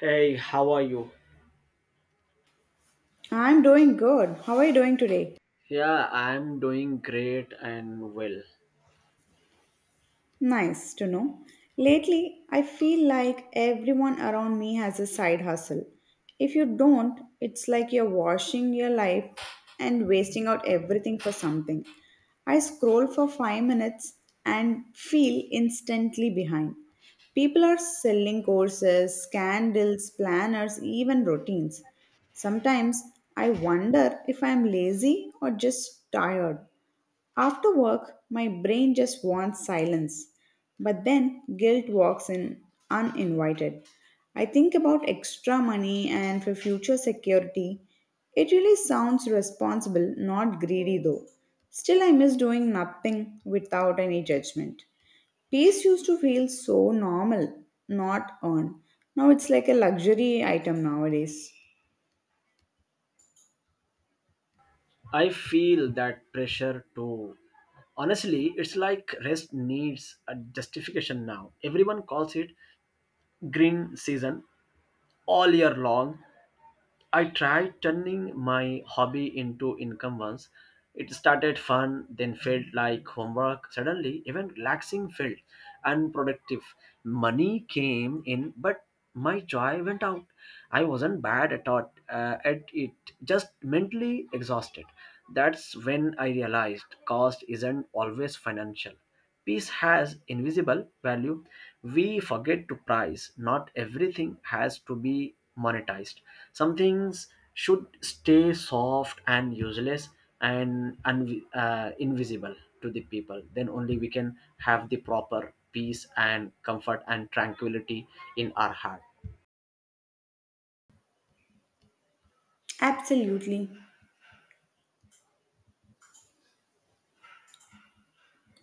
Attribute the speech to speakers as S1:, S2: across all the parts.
S1: Hey, how are you?
S2: I'm doing good. How are you doing today?
S1: Yeah, I'm doing great and well.
S2: Nice to know. Lately, I feel like everyone around me has a side hustle. If you don't, it's like you're washing your life and wasting out everything for something. I scroll for 5 minutes and feel instantly behind. People are selling courses, candles, planners, even routines. Sometimes I wonder if I am lazy or just tired. After work, my brain just wants silence. But then guilt walks in uninvited. I think about extra money and for future security. It really sounds responsible, not greedy though. Still, I miss doing nothing without any judgment. Peace used to feel so normal, not earned. Now it's like a luxury item nowadays.
S1: I feel that pressure too. Honestly, it's like rest needs a justification now. Everyone calls it green season all year long. I tried turning my hobby into income once. It started fun, then felt like homework. Suddenly, even relaxing felt unproductive. Money came in, but my joy went out. I wasn't bad at it, just mentally exhausted. That's when I realized cost isn't always financial. Peace has invisible value. We forget to price. Not everything has to be monetized. Some things should stay soft and useless and invisible to the people. Then only we can have the proper peace and comfort and tranquility in our heart.
S2: Absolutely.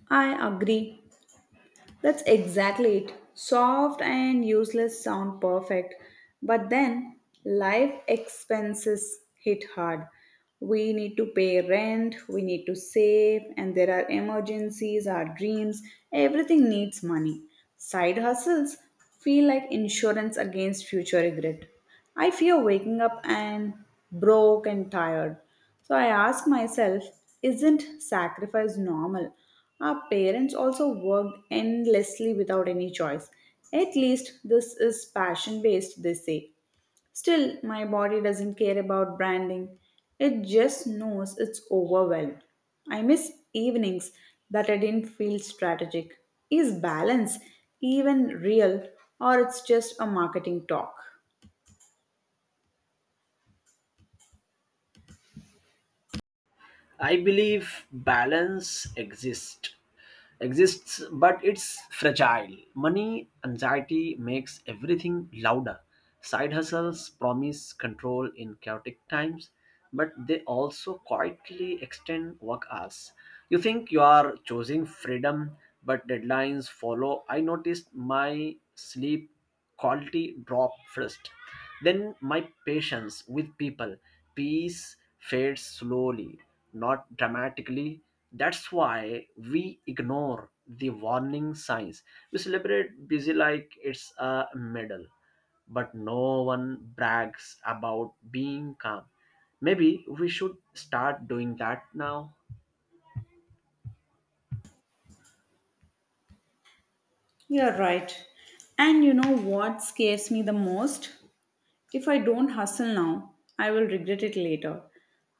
S2: I agree. That's exactly it. Soft and useless sound perfect, but then life expenses hit hard. We need to pay rent, we need to save, and there are emergencies, our dreams, everything needs money. Side hustles feel like insurance against future regret. I fear waking up and broke and tired. So I ask myself, isn't sacrifice normal? Our parents also worked endlessly without any choice. At least this is passion based, they say. Still, my body doesn't care about branding. It just knows it's overwhelmed. I miss evenings that I didn't feel strategic. Is balance even real or it's just a marketing talk?
S1: I believe balance exists but it's fragile. Money anxiety makes everything louder. Side hustles promise control in chaotic times, but they also quietly extend work hours. You think you are choosing freedom, but deadlines follow. I noticed my sleep quality drop first, then my patience with people. Peace fades slowly, not dramatically. That's why we ignore the warning signs. We celebrate busy like it's a medal, but no one brags about being calm. Maybe we should start doing that now.
S2: You're right. And you know what scares me the most? If I don't hustle now, I will regret it later.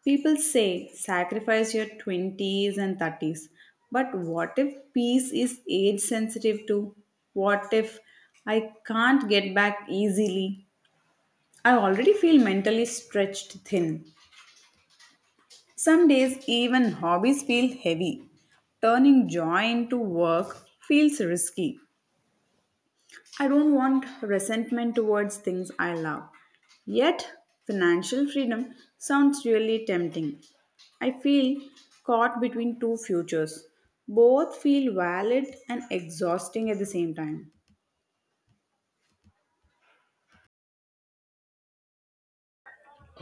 S2: People say sacrifice your 20s and 30s. But what if peace is age sensitive too? What if I can't get back easily? I already feel mentally stretched thin. Some days, even hobbies feel heavy. Turning joy into work feels risky. I don't want resentment towards things I love. Yet, financial freedom sounds really tempting. I feel caught between two futures. Both feel valid and exhausting at the same time.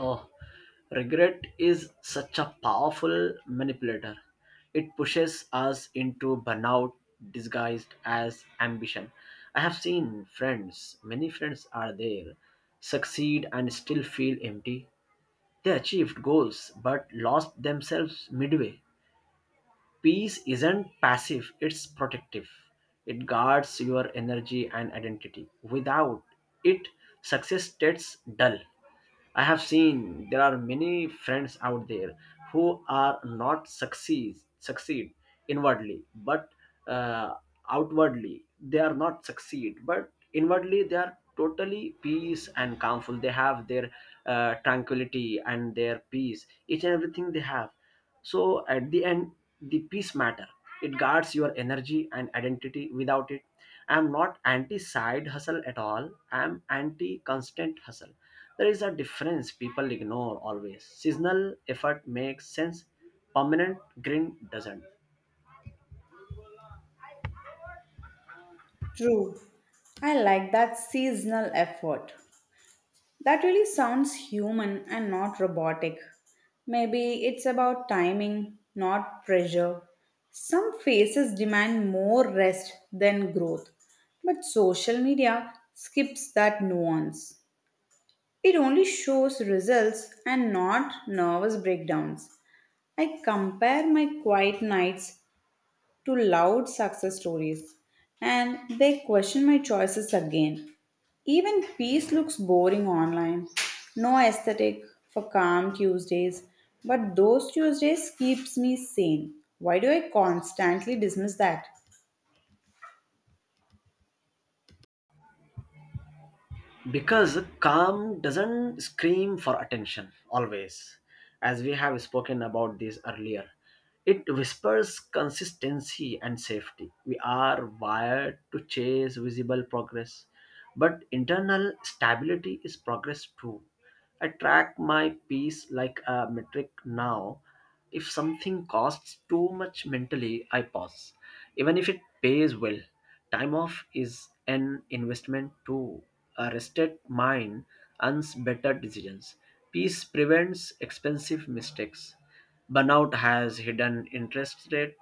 S1: Oh, regret is such a powerful manipulator. It pushes us into burnout disguised as ambition. I have seen friends, many friends are there, succeed and still feel empty. They achieved goals but lost themselves midway. Peace isn't passive, it's protective. It guards your energy and identity. Without it, success gets dull. I have seen there are many friends out there who are not succeed inwardly, but uh, outwardly they are not succeed. But inwardly they are totally peace and calmful. They have their tranquility and their peace. Each and everything they have, so at the end the peace matter. It guards your energy and identity without it. I'm not anti side hustle at all, I'm anti constant hustle. There is a difference people ignore. Always seasonal effort makes sense, permanent grin doesn't.
S2: True. I like that seasonal effort. That really sounds human and not robotic. Maybe it's about timing, not pressure. Some phases demand more rest than growth, but social media skips that nuance. It only shows results and not nervous breakdowns. I compare my quiet nights to loud success stories and they question my choices again. Even peace looks boring online. No aesthetic for calm Tuesdays, but those Tuesdays keeps me sane. Why do I constantly dismiss that?
S1: Because calm doesn't scream for attention always, as we have spoken about this earlier, it whispers consistency and safety. We are wired to chase visible progress, but internal stability is progress too. I track my peace like a metric now. If something costs too much mentally, I pause, even if it pays well. Time off is an investment too. A rested mind earns better decisions. Peace prevents expensive mistakes. Burnout has hidden interest rate.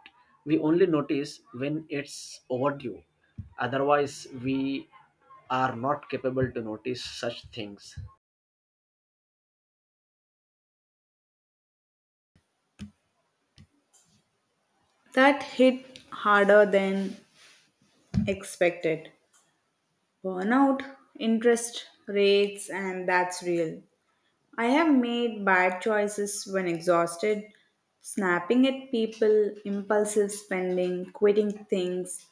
S1: We only notice when it's overdue. Otherwise, we are not capable to notice such things.
S2: That hit harder than expected. Burnout, interest rates, and that's real. I have made bad choices when exhausted, snapping at people, impulsive spending, quitting things,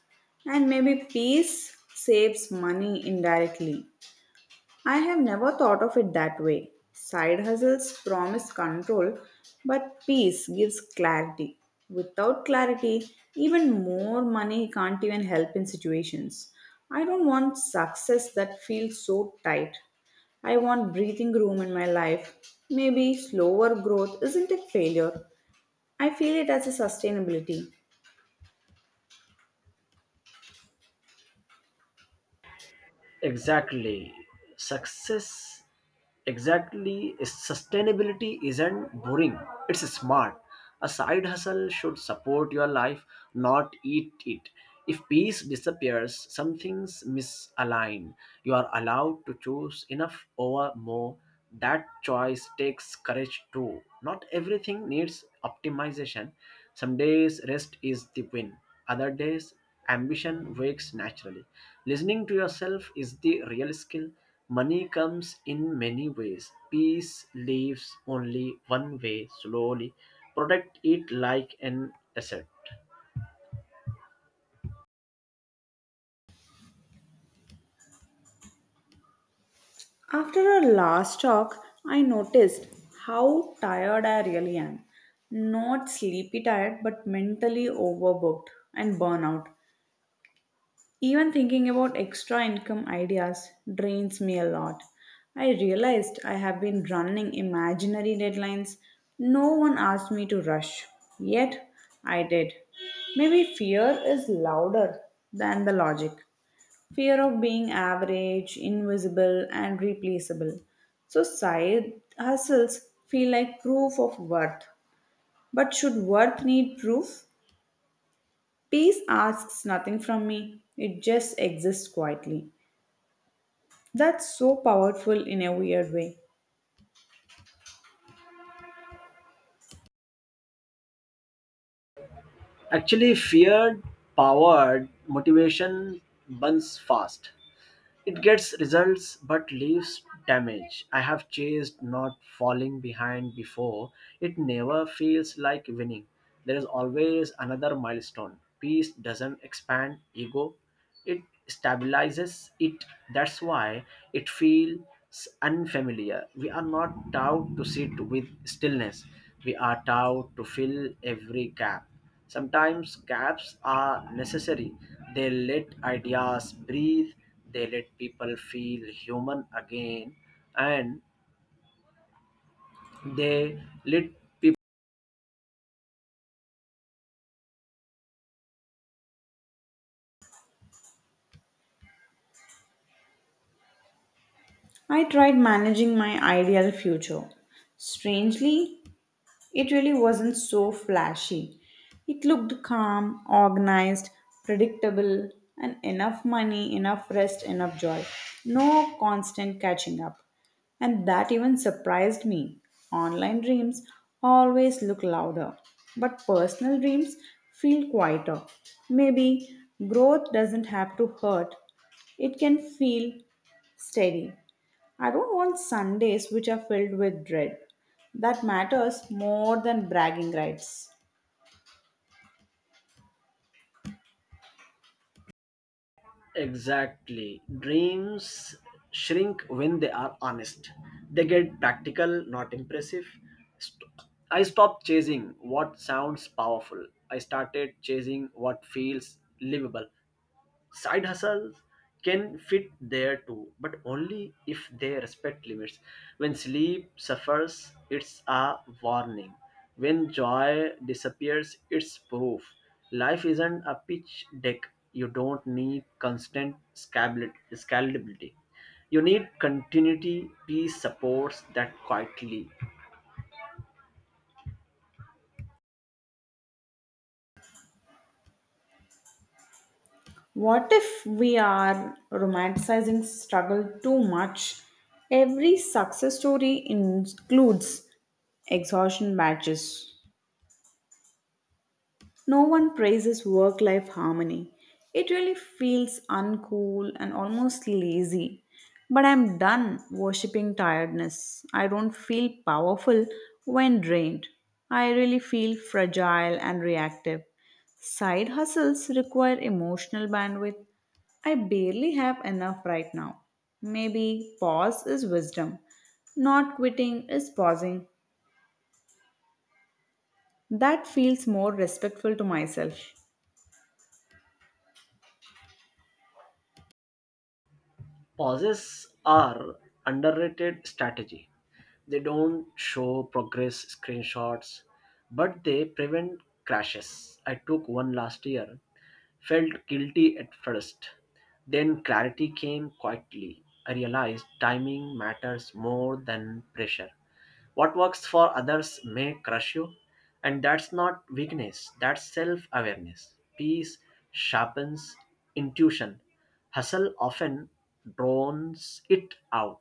S2: and maybe peace saves money indirectly. I have never thought of it that way. Side hustles promise control, but peace gives clarity. Without clarity, even more money can't even help in situations. I don't want success that feels so tight. I want breathing room in my life. Maybe slower growth isn't a failure. I feel it as a sustainability.
S1: Exactly. Success exactly, sustainability isn't boring, it's smart. A side hustle should support your life, not eat it. If peace disappears, something's misaligned. You are allowed to choose enough over more. That choice takes courage too. Not everything needs optimization. Some days rest is the win. Other days ambition wakes naturally. Listening to yourself is the real skill. Money comes in many ways. Peace leaves only one way slowly. Protect it like an asset.
S2: After our last talk, I noticed how tired I really am. Not sleepy tired, but mentally overbooked and burnout. Even thinking about extra income ideas drains me a lot. I realized I have been running imaginary deadlines no one asked me to rush. Yet, I did. Maybe fear is louder than the logic. Fear of being average, invisible, and replaceable. So, side hustles feel like proof of worth. But should worth need proof? Peace asks nothing from me, it just exists quietly. That's so powerful in a weird way.
S1: Actually, feared powered motivation burns fast. It gets results but leaves damage. I have chased not falling behind before. It never feels like winning. There is always another milestone. Peace doesn't expand ego, it stabilizes it. That's why it feels unfamiliar. We are not taught to sit with stillness, we are taught to fill every gap. Sometimes gaps are necessary. They let ideas breathe, they let people feel human again, and they let people
S2: I tried managing my ideal future. Strangely, it really wasn't so flashy. It looked calm, organized, predictable, and enough money, enough rest, enough joy. No constant catching up. And that even surprised me. Online dreams always look louder, but personal dreams feel quieter. Maybe growth doesn't have to hurt, it can feel steady. I don't want Sundays which are filled with dread. That matters more than bragging rights.
S1: exactly. Dreams shrink when they are honest. They get practical, not impressive. St- I stopped chasing what sounds powerful. I started chasing what feels livable. Side hustles can fit there too, but only if they respect limits. When sleep suffers, it's a warning. When joy disappears, it's proof. Life isn't a pitch deck. You don't need constant scalability. You need continuity, peace supports that quietly.
S2: What if we are romanticizing struggle too much? Every success story includes exhaustion badges. No one praises work life harmony. It really feels uncool and almost lazy. But I'm done worshipping tiredness. I don't feel powerful when drained. I really feel fragile and reactive. Side hustles require emotional bandwidth. I barely have enough right now. Maybe pause is wisdom. Not quitting is pausing. That feels more respectful to myself.
S1: Pauses are underrated strategy. They don't show progress screenshots, but they prevent crashes. I took one last year, felt guilty at first. Then clarity came quietly. I realized timing matters more than pressure. What works for others may crush you, and that's not weakness, that's self awareness. Peace sharpens intuition, hustle often drowns it out.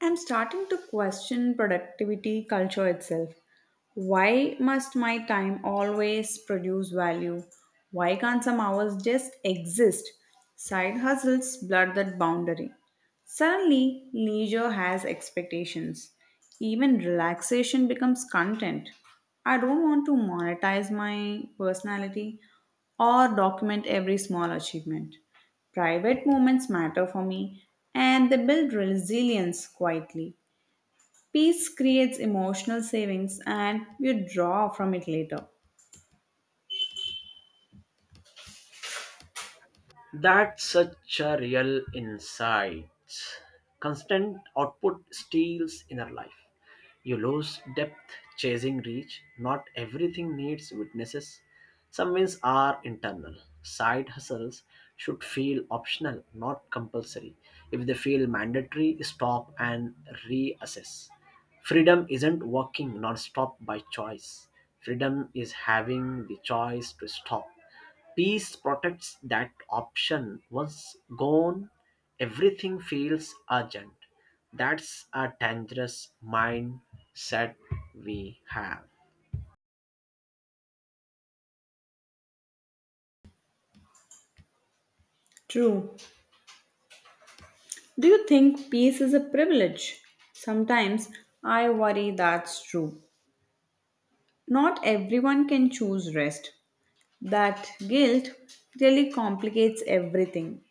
S2: I'm starting to question productivity culture itself. Why must my time always produce value? Why can't some hours just exist? Side hustles blur that boundary. Suddenly, leisure has expectations. Even relaxation becomes content. I don't want to monetize my personality or document every small achievement. Private moments matter for me and they build resilience quietly. Peace creates emotional savings and you draw from it later.
S1: That's such a real insight. Constant output steals inner life. You lose depth chasing reach. Not everything needs witnesses. Some wins are internal. Side hustles should feel optional, not compulsory. If they feel mandatory, stop and reassess. Freedom isn't working non stop by choice, freedom is having the choice to stop. Peace protects that option once gone, everything feels urgent. That's a dangerous mindset we have.
S2: True. Do you think peace is a privilege? Sometimes I worry that's true. Not everyone can choose rest. That guilt really complicates everything.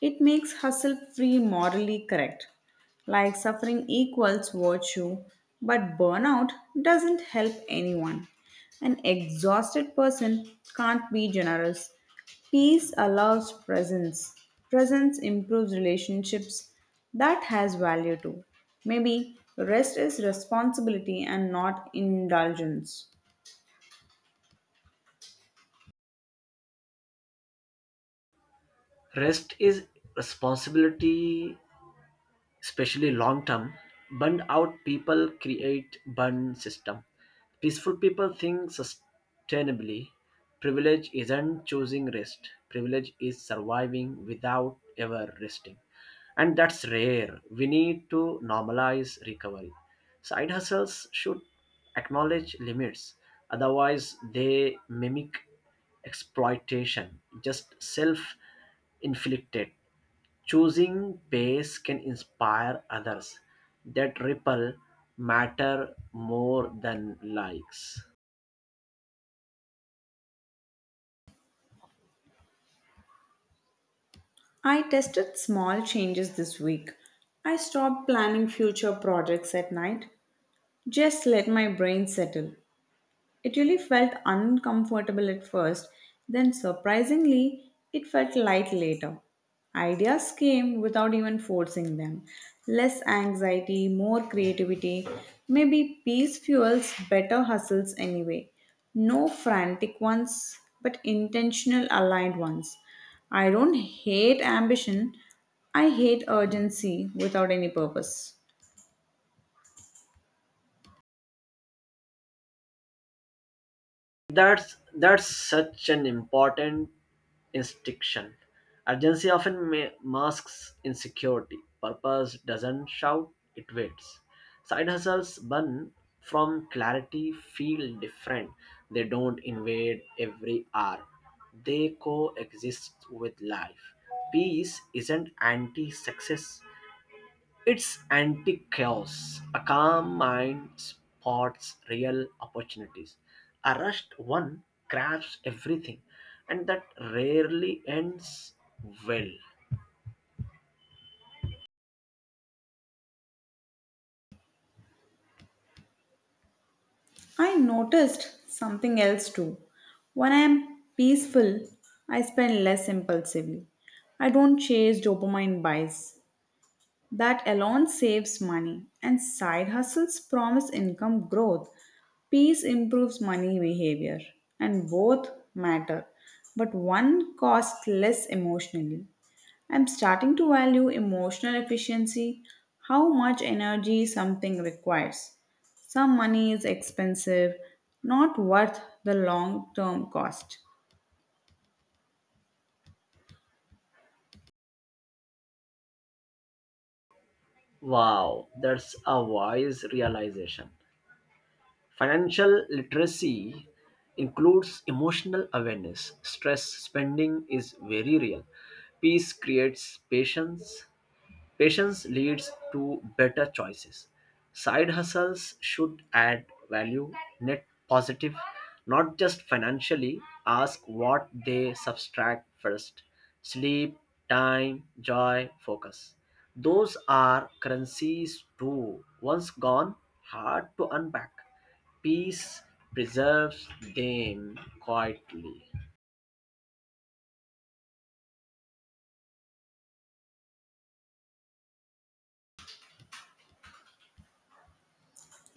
S2: It makes hustle free morally correct. Like suffering equals virtue, but burnout doesn't help anyone. An exhausted person can't be generous. Peace allows presence. Presence improves relationships. That has value too. Maybe rest is responsibility and not indulgence.
S1: Rest is responsibility, especially long term. Burned out people create burn system. Peaceful people think sustainably. Privilege isn't choosing rest, privilege is surviving without ever resting, and that's rare. We need to normalize recovery. Side hustles should acknowledge limits, otherwise they mimic exploitation, just self inflicted. Choosing pace can inspire others. That ripple matter more than likes.
S2: I tested small changes this week. I stopped planning future projects at night. Just let my brain settle. It really felt uncomfortable at first, then surprisingly, it felt light later. Ideas came without even forcing them. Less anxiety, more creativity. Maybe peace fuels better hustles anyway. No frantic ones, but intentional aligned ones. I don't hate ambition, I hate urgency without any purpose.
S1: That's such an important distinction. Urgency often masks insecurity. Purpose doesn't shout; it waits. Side hustles burn from clarity feel different. They don't invade every hour. They coexist with life. Peace isn't anti-success. It's anti chaos. A calm mind spots real opportunities. A rushed one grabs everything, and that rarely ends well.
S2: I noticed something else too. When I am peaceful, I spend less impulsively. I don't chase dopamine buys. That alone saves money, and side hustles promise income growth. Peace improves money behavior, and both matter, but one costs less emotionally. I'm starting to value emotional efficiency, how much energy something requires. Some money is expensive, not worth the long term cost.
S1: Wow, that's a wise realization. Financial literacy includes emotional awareness. Stress spending is very real. Peace creates patience. Patience leads to better choices. Side hustles should add value, net positive, not just financially. Ask what they subtract first: sleep, time, joy, focus. Those are currencies too. Once gone, hard to unpack. Peace preserves them quietly.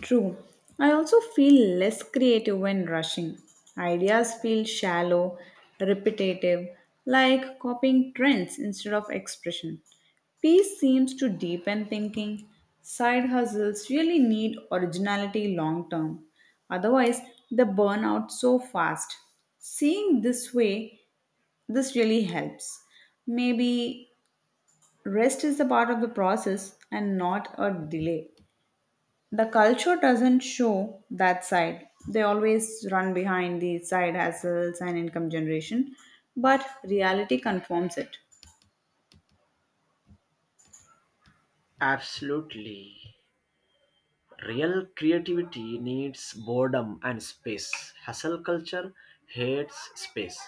S2: True. I also feel less creative when rushing. Ideas feel shallow, repetitive, like copying trends instead of expression. Peace seems to deepen thinking. Side hustles really need originality long term. Otherwise, they burn out so fast. Seeing this way, this really helps. Maybe rest is a part of the process and not a delay the culture doesn't show that side. They always run behind the side hustles and income generation, but reality confirms it.
S1: Absolutely. Real creativity needs boredom and space. Hustle culture hates space.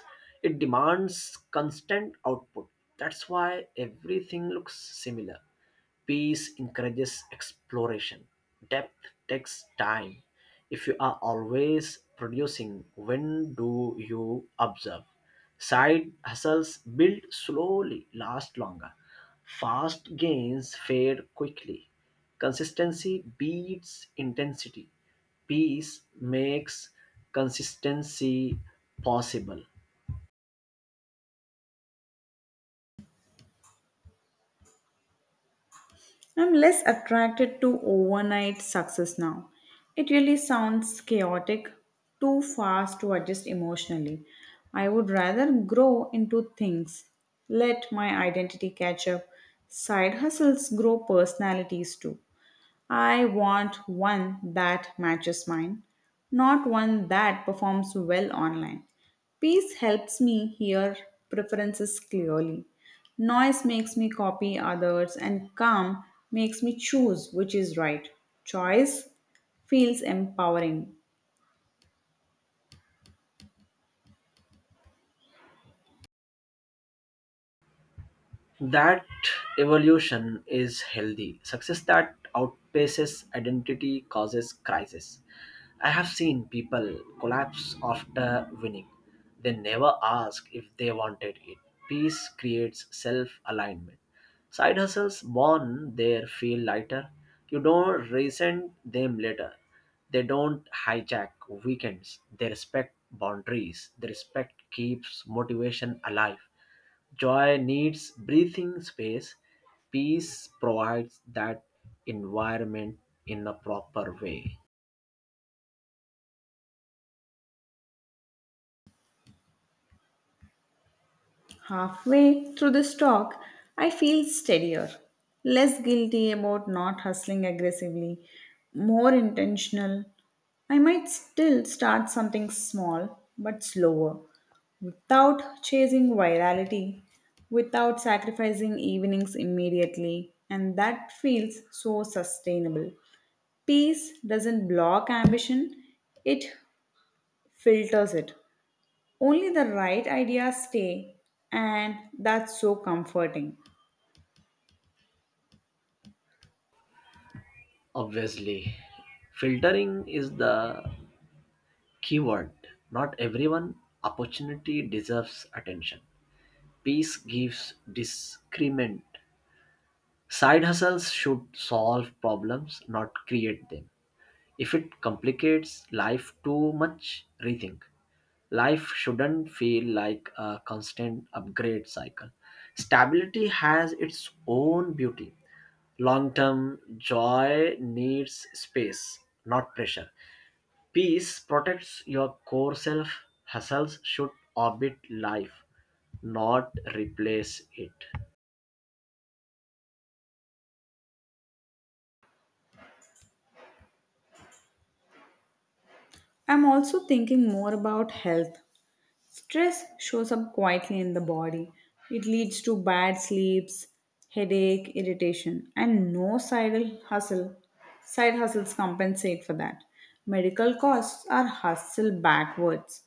S1: It demands constant output. That's why everything looks similar. Peace encourages exploration. Depth takes time. If you are always producing, when do you observe? Side hustles build slowly, last longer. Fast gains fade quickly. Consistency beats intensity. Peace makes consistency possible.
S2: I'm less attracted to overnight success now. It really sounds chaotic, too fast to adjust emotionally. I would rather grow into things, let my identity catch up. Side hustles grow personalities too. I want one that matches mine, not one that performs well online. Peace helps me hear preferences clearly. Noise makes me copy others, and calm makes me choose which is right. Choice feels empowering.
S1: That evolution is healthy. Success that outpaces identity causes crisis. I have seen people collapse after winning. They never ask if they wanted it. Peace creates self alignment. Side hustles born there feel lighter. You don't resent them later. They don't hijack weekends. They respect boundaries. The respect keeps motivation alive. Joy needs breathing space. Peace provides that environment in a proper way.
S2: Halfway through this talk, I feel steadier, less guilty about not hustling aggressively, more intentional. I might still start something small but slower, without chasing virality, without sacrificing evenings immediately, and that feels so sustainable. Peace doesn't block ambition, it filters it. Only the right ideas stay, and that's so comforting.
S1: Obviously, filtering is the keyword. Not everyone opportunity deserves attention. Peace gives discrement. Side hustles should solve problems, not create them. If it complicates life too much, rethink. Life shouldn't feel like a constant upgrade cycle. Stability has its own beauty. Long term joy needs space, not pressure. Peace protects your core self. Hustles should orbit life, not replace it.
S2: I'm also thinking more about health. Stress shows up quietly in the body. It leads to bad sleeps, headache, irritation, and no side hustle. Side hustles compensate for that. Medical costs are hustle backwards.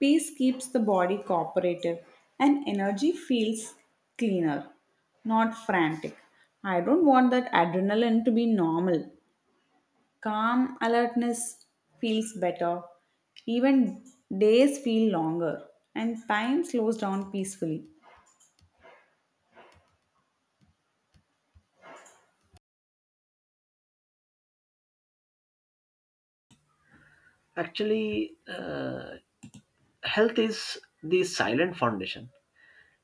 S2: Peace keeps the body cooperative and energy feels cleaner, not frantic. I don't want that adrenaline to be normal. Calm alertness feels better. Even days feel longer, and time slows down peacefully.
S1: Actually, uh, Health is the silent foundation.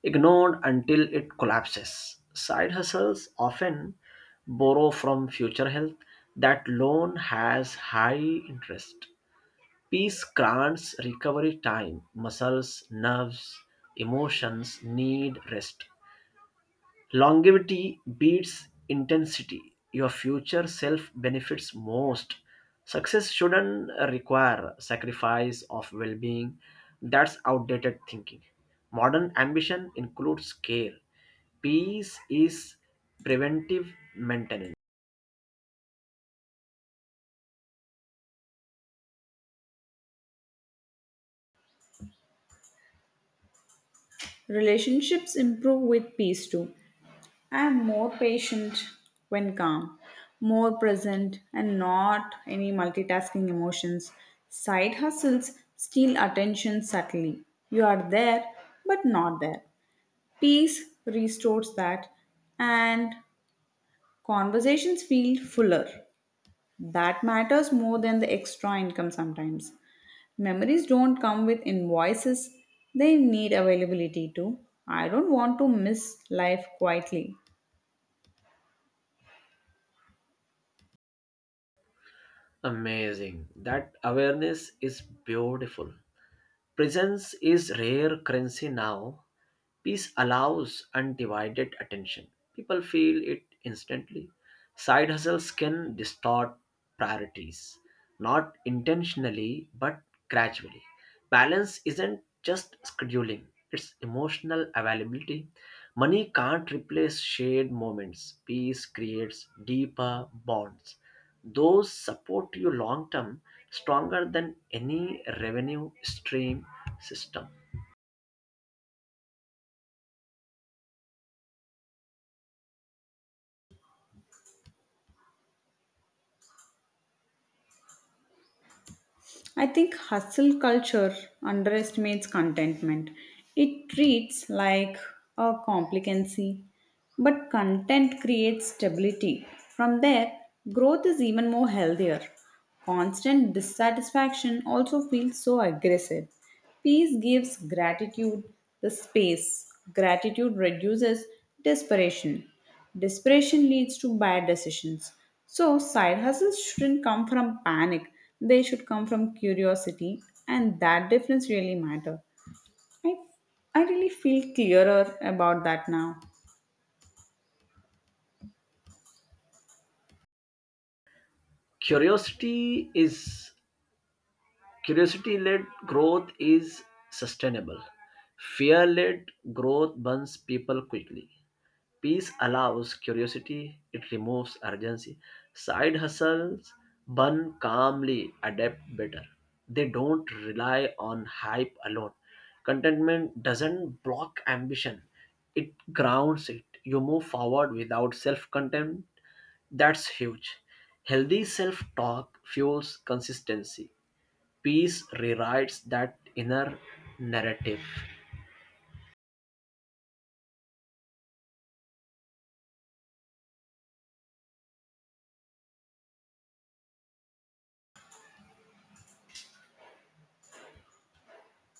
S1: Ignored until it collapses. Side hustles often borrow from future health. That loan has high interest. Peace grants recovery time. Muscles, nerves, emotions need rest. Longevity beats intensity. Your future self benefits most. Success shouldn't require sacrifice of well being. That's outdated thinking. Modern ambition includes care. Peace is preventive maintenance.
S2: Relationships improve with peace too. I am more patient when calm, more present, and not any multitasking emotions. Side hustles steal attention subtly. You are there, but not there. Peace restores that, and conversations feel fuller. That matters more than the extra income sometimes. Memories don't come with invoices, they need availability too. I don't want to miss life quietly.
S1: Amazing. That awareness is beautiful. Presence is rare currency now. Peace allows undivided attention. People feel it instantly. Side hustles can distort priorities, not intentionally but gradually. Balance isn't just scheduling, it's emotional availability. Money can't replace shared moments. Peace creates deeper bonds. Those support you long term, stronger than any revenue stream system.
S2: I think hustle culture underestimates contentment. It treats like a complacency, but content creates stability. From there, growth is even more healthier. Constant dissatisfaction also feels so aggressive. Peace gives gratitude the space. Gratitude reduces desperation. Desperation leads to bad decisions. So, side hustles shouldn't come from panic, they should come from curiosity, and that difference really matter. I, I really feel clearer about that now.
S1: Curiosity is curiosity led growth is sustainable. Fear led growth burns people quickly. Peace allows curiosity, it removes urgency. Side hustles burn calmly, adapt better. They don't rely on hype alone. Contentment doesn't block ambition, it grounds it. You move forward without self contempt. That's huge. Healthy self talk fuels consistency. Peace rewrites that inner narrative.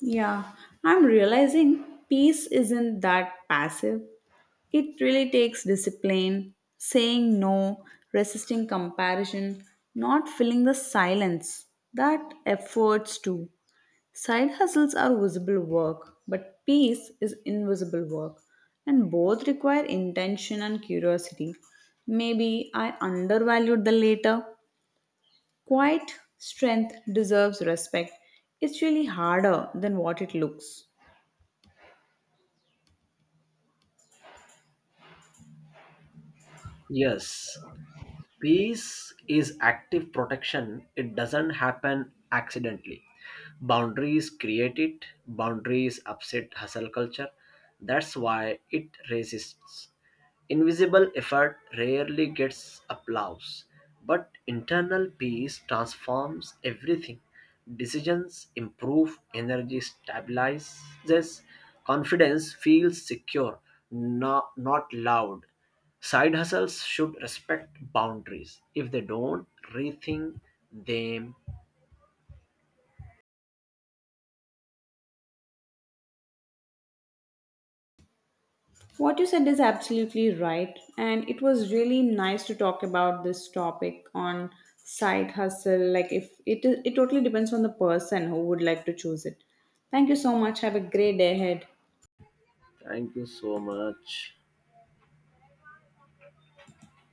S2: Yeah, I'm realizing peace isn't that passive. It really takes discipline, saying no, resisting comparison, not filling the silence. That efforts too. Side hustles are visible work, but peace is invisible work, and both require intention and curiosity. Maybe I undervalued the latter. Quiet strength deserves respect. It's really harder than what it looks.
S1: Yes, peace is active protection, it doesn't happen accidentally. Boundaries create it, boundaries upset hustle culture. That's why it resists. Invisible effort rarely gets applause, but internal peace transforms everything. Decisions improve, energy stabilizes, confidence feels secure, not loud. Side hustles should respect boundaries. If they don't, rethink them.
S2: What you said is absolutely right, and it was really nice to talk about this topic on side hustle. Like, if it is, it totally depends on the person who would like to choose it. Thank you so much. Have a great day ahead.
S1: Thank you so much.